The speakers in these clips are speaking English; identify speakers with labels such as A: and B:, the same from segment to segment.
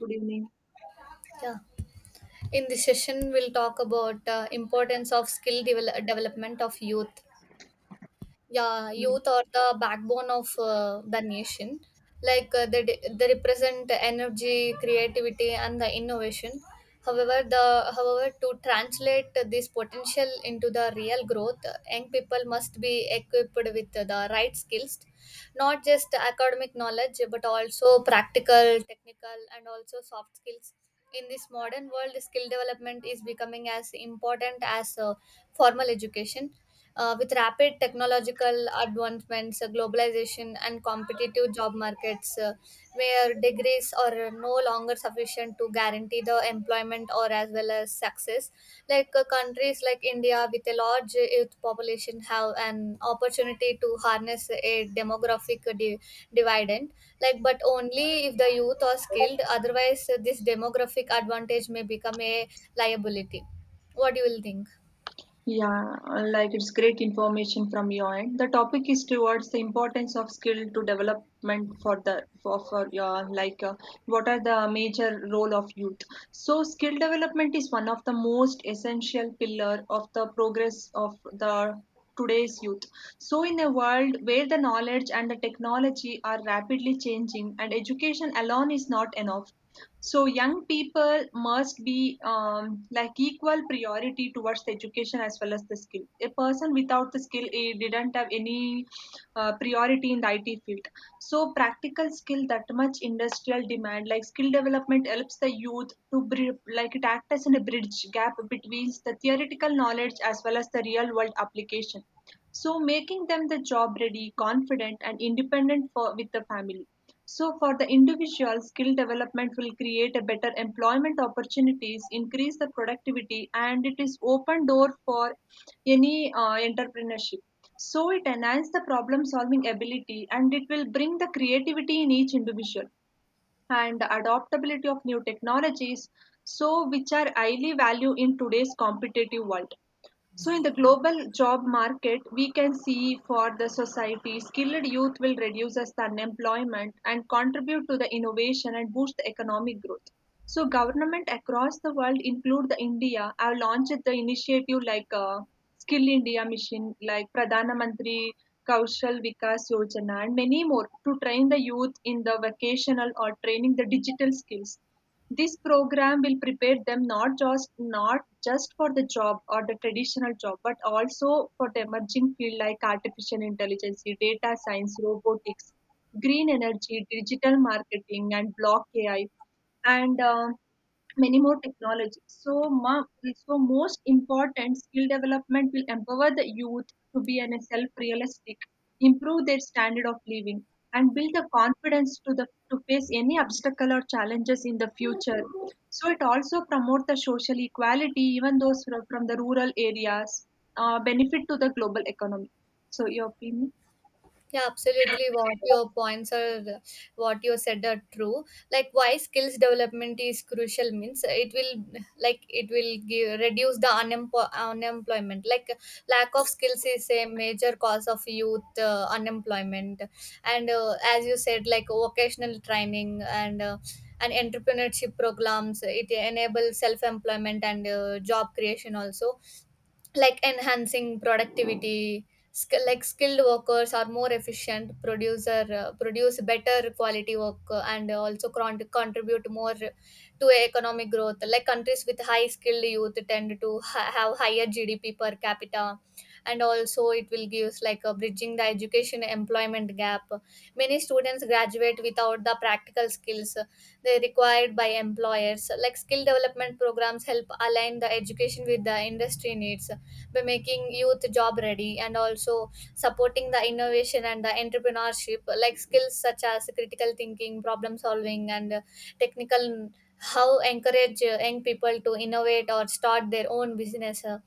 A: Good evening.
B: Yeah. In this session, we'll talk about importance of skill development of youth. Yeah, youth are the backbone of the nation. They represent energy, creativity, and the innovation. However, to translate this potential into the real growth, young people must be equipped with the right skills, not just academic knowledge but also practical, technical, and also soft skills. In this modern world, skill development is becoming as important as formal education. With rapid technological advancements, globalization, and competitive job markets, where degrees are no longer sufficient to guarantee the employment or as well as success, countries like India with a large youth population have an opportunity to harness a dividend, like, but only if the youth are skilled. Otherwise, this demographic advantage may become a liability. What do you will think?
A: Yeah, like it's great information from your end. The topic is towards the importance of skill to development for the for your what are the major role of youth. So skill development is one of the most essential pillar of the progress of the today's youth. So in a world where the knowledge and the technology are rapidly changing and education alone is not enough, so young people must be like equal priority towards the education as well as the skill. A person without the skill, he didn't have any priority in the IT field. So practical skill that much industrial demand, like skill development helps the youth to like it act as in a bridge gap between the theoretical knowledge as well as the real world application. So making them the job ready, confident and independent for with the family so for the individual, skill development will create a better employment opportunities, increase the productivity, and it is open door for any entrepreneurship. So it enhance the problem solving ability and it will bring the creativity in each individual and the adaptability of new technologies so which are highly valued in today's competitive world so, in the global job market, we can see for the society, skilled youth will reduce as the unemployment and contribute to the innovation and boost the economic growth. So, government across the world, include the India, have launched the initiative Skill India Mission, like Pradhana Mantri Kaushal Vikas Yojana, and many more to train the youth in the vocational or training the digital skills. This program will prepare them not just for the job or the traditional job, but also for the emerging field like artificial intelligence, data science, robotics, green energy, digital marketing, and block AI. And many more technology. So most important skill development will empower the youth to be an self-realistic, improve their standard of living, and build the confidence to face any obstacle or challenges in the future. So it also promote the social equality, even those from the rural areas, benefit to the global economy. So your opinion?
B: Yeah, absolutely. What your points are, what you said are true. Like, why skills development is crucial means it will, like it will give, reduce the unemployment. Like, lack of skills is a major cause of youth unemployment, and as you said, like vocational training and. And entrepreneurship programs, it enable self employment and job creation also, like enhancing productivity. Like, skilled workers are more efficient producer, produce better quality work, and also contribute more to economic growth. Like, countries with high skilled youth tend to have higher gdp per capita, and also it will give us like a bridging the education employment gap. Many students graduate without the practical skills they required by employers. Like, skill development programs help align the education with the industry needs by making youth job ready, and also supporting the innovation and the entrepreneurship. Like, skills such as critical thinking, problem solving, and technical, how encourage young people to innovate or start their own business.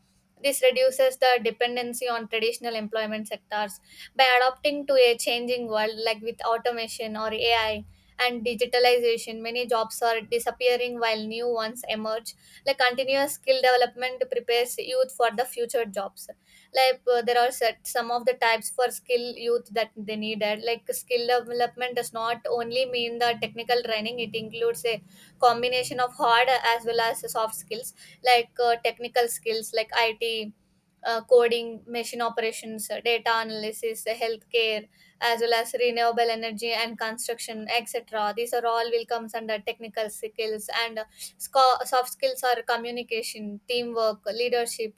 B: This reduces the dependency on traditional employment sectors by adapting to a changing world, like with automation or ai and digitalization. Many jobs are disappearing while new ones emerge. Like, continuous skill development prepares youth for the future jobs. There are set some of the types for skill youth that they needed. Like, skill development does not only mean the technical training, it includes a combination of hard as well as soft skills. Technical skills like it, coding, machine operations, data analysis, healthcare, as well as renewable energy and construction etc, these are all will comes under technical skills. Soft skills are communication, teamwork, leadership,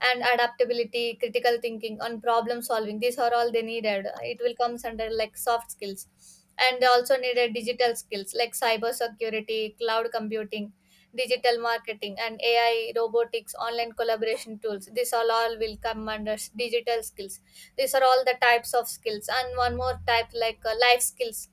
B: and adaptability, critical thinking, and problem solving. These are all they needed. It will come under like soft skills, and they also needed digital skills like cyber security, cloud computing, digital marketing, and AI, robotics, online collaboration tools. These all will come under digital skills. These are all the types of skills, and one more type life skills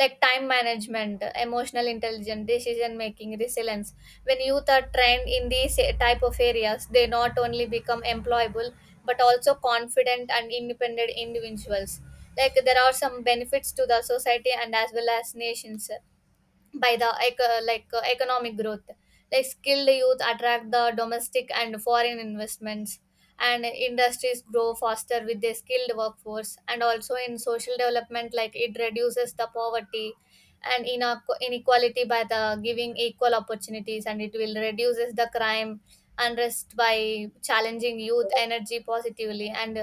B: like time management, emotional intelligence, decision making, resilience. When youth are trained in these type of areas, they not only become employable but also confident and independent individuals. Like, there are some benefits to the society and as well as nations. By the economic growth, like skilled youth attract the domestic and foreign investments, and industries grow faster with a skilled workforce. And also in social development, like it reduces the poverty and inequality by the giving equal opportunities, and it will reduces the crime unrest by challenging youth energy positively. And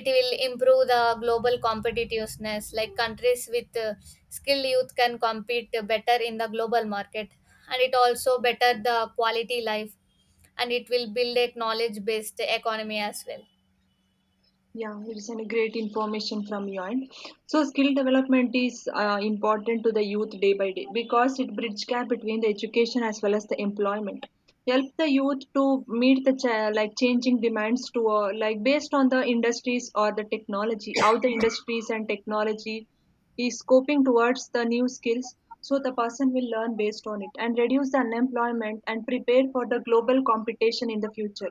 B: it will improve the global competitiveness, like countries with skilled youth can compete better in the global market, and it also better the quality life, and it will build a knowledge based economy as well.
A: Yeah, it's a great information from your end. So, skill development is important to the youth day by day because it bridges gap between the education as well as the employment. Help the youth to meet the like changing demands to like based on the industries or the technology, how the industries and technology is coping towards the new skills. So the person will learn based on it and reduce the unemployment and prepare for the global competition in the future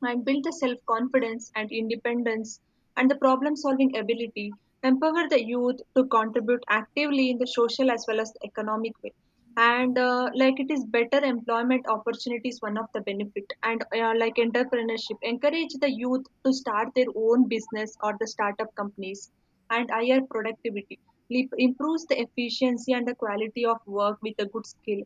A: and build the self confidence and independence and the problem solving ability, empower the youth to contribute actively in the social as well as the economic way. And like it is better employment opportunities, one of the benefit. And like entrepreneurship, encourage the youth to start their own business or the startup companies and higher productivity. Improves the efficiency and the quality of work with a good skill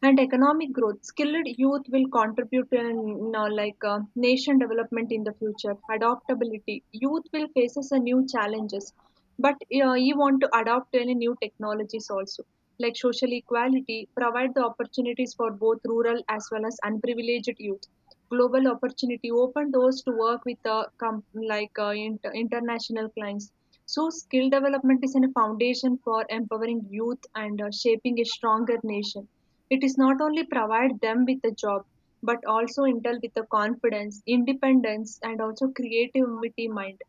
A: and economic growth skilled youth will contribute to an, you know, nation development in the future adaptability youth will faces a new challenges but you want to adopt any new technologies also like social equality provide the opportunities for both rural as well as unprivileged youth global opportunity open doors to work with international clients so skill development is a foundation for empowering youth and shaping a stronger nation. It is not only provide them with a job, but also intel with the confidence, independence, and also creativity mind.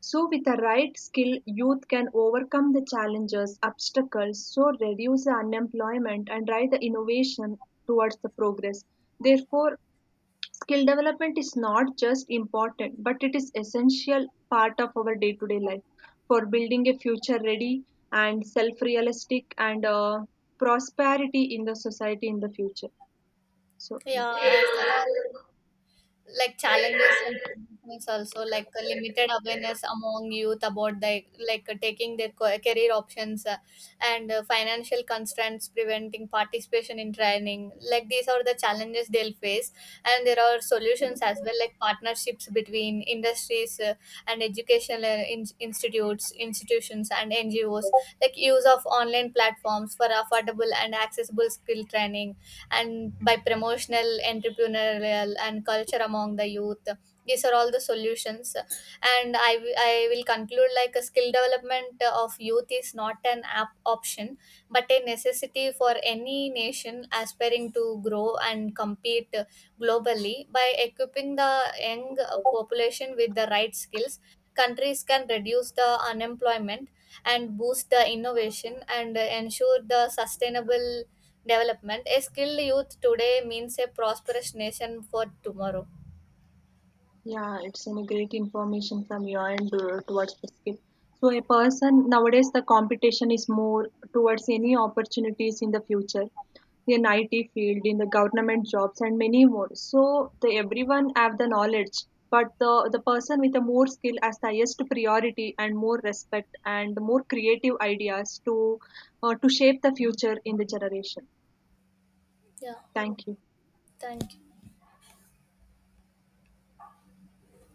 A: So with the right skill, youth can overcome the challenges, obstacles, so reduce the unemployment and drive the innovation towards the progress. Therefore, skill development is not just important, but it is essential part of our day-to-day life for building a future-ready and self-realistic and prosperity in the society in the future. So,
B: Yeah,
A: yeah.
B: as the like challenges and solutions also, like a limited awareness among youth about the, taking their career options, and financial constraints preventing participation in training, like these are the challenges they'll face. And there are solutions as well, like partnerships between industries, and educational institutes, institutions and ngos, like use of online platforms for affordable and accessible skill training, and by promotional, entrepreneurial, and culture among the youth. These are all the solutions. I will conclude, like a skill development of youth is not an app option, but a necessity for any nation aspiring to grow and compete globally. By equipping the young population with the right skills, countries can reduce the unemployment and boost the innovation, and ensure the sustainable development. A skilled youth today means a prosperous nation for tomorrow.
A: Yeah, it's any great information from your end towards the skill. So a person nowadays the competition is more towards any opportunities in the future in IT field, in the government jobs, and many more. So the everyone have the knowledge, but the person with the more skill has the highest priority and more respect and more creative ideas to shape the future in the generation.
B: Yeah,
A: Thank you.
B: thank you.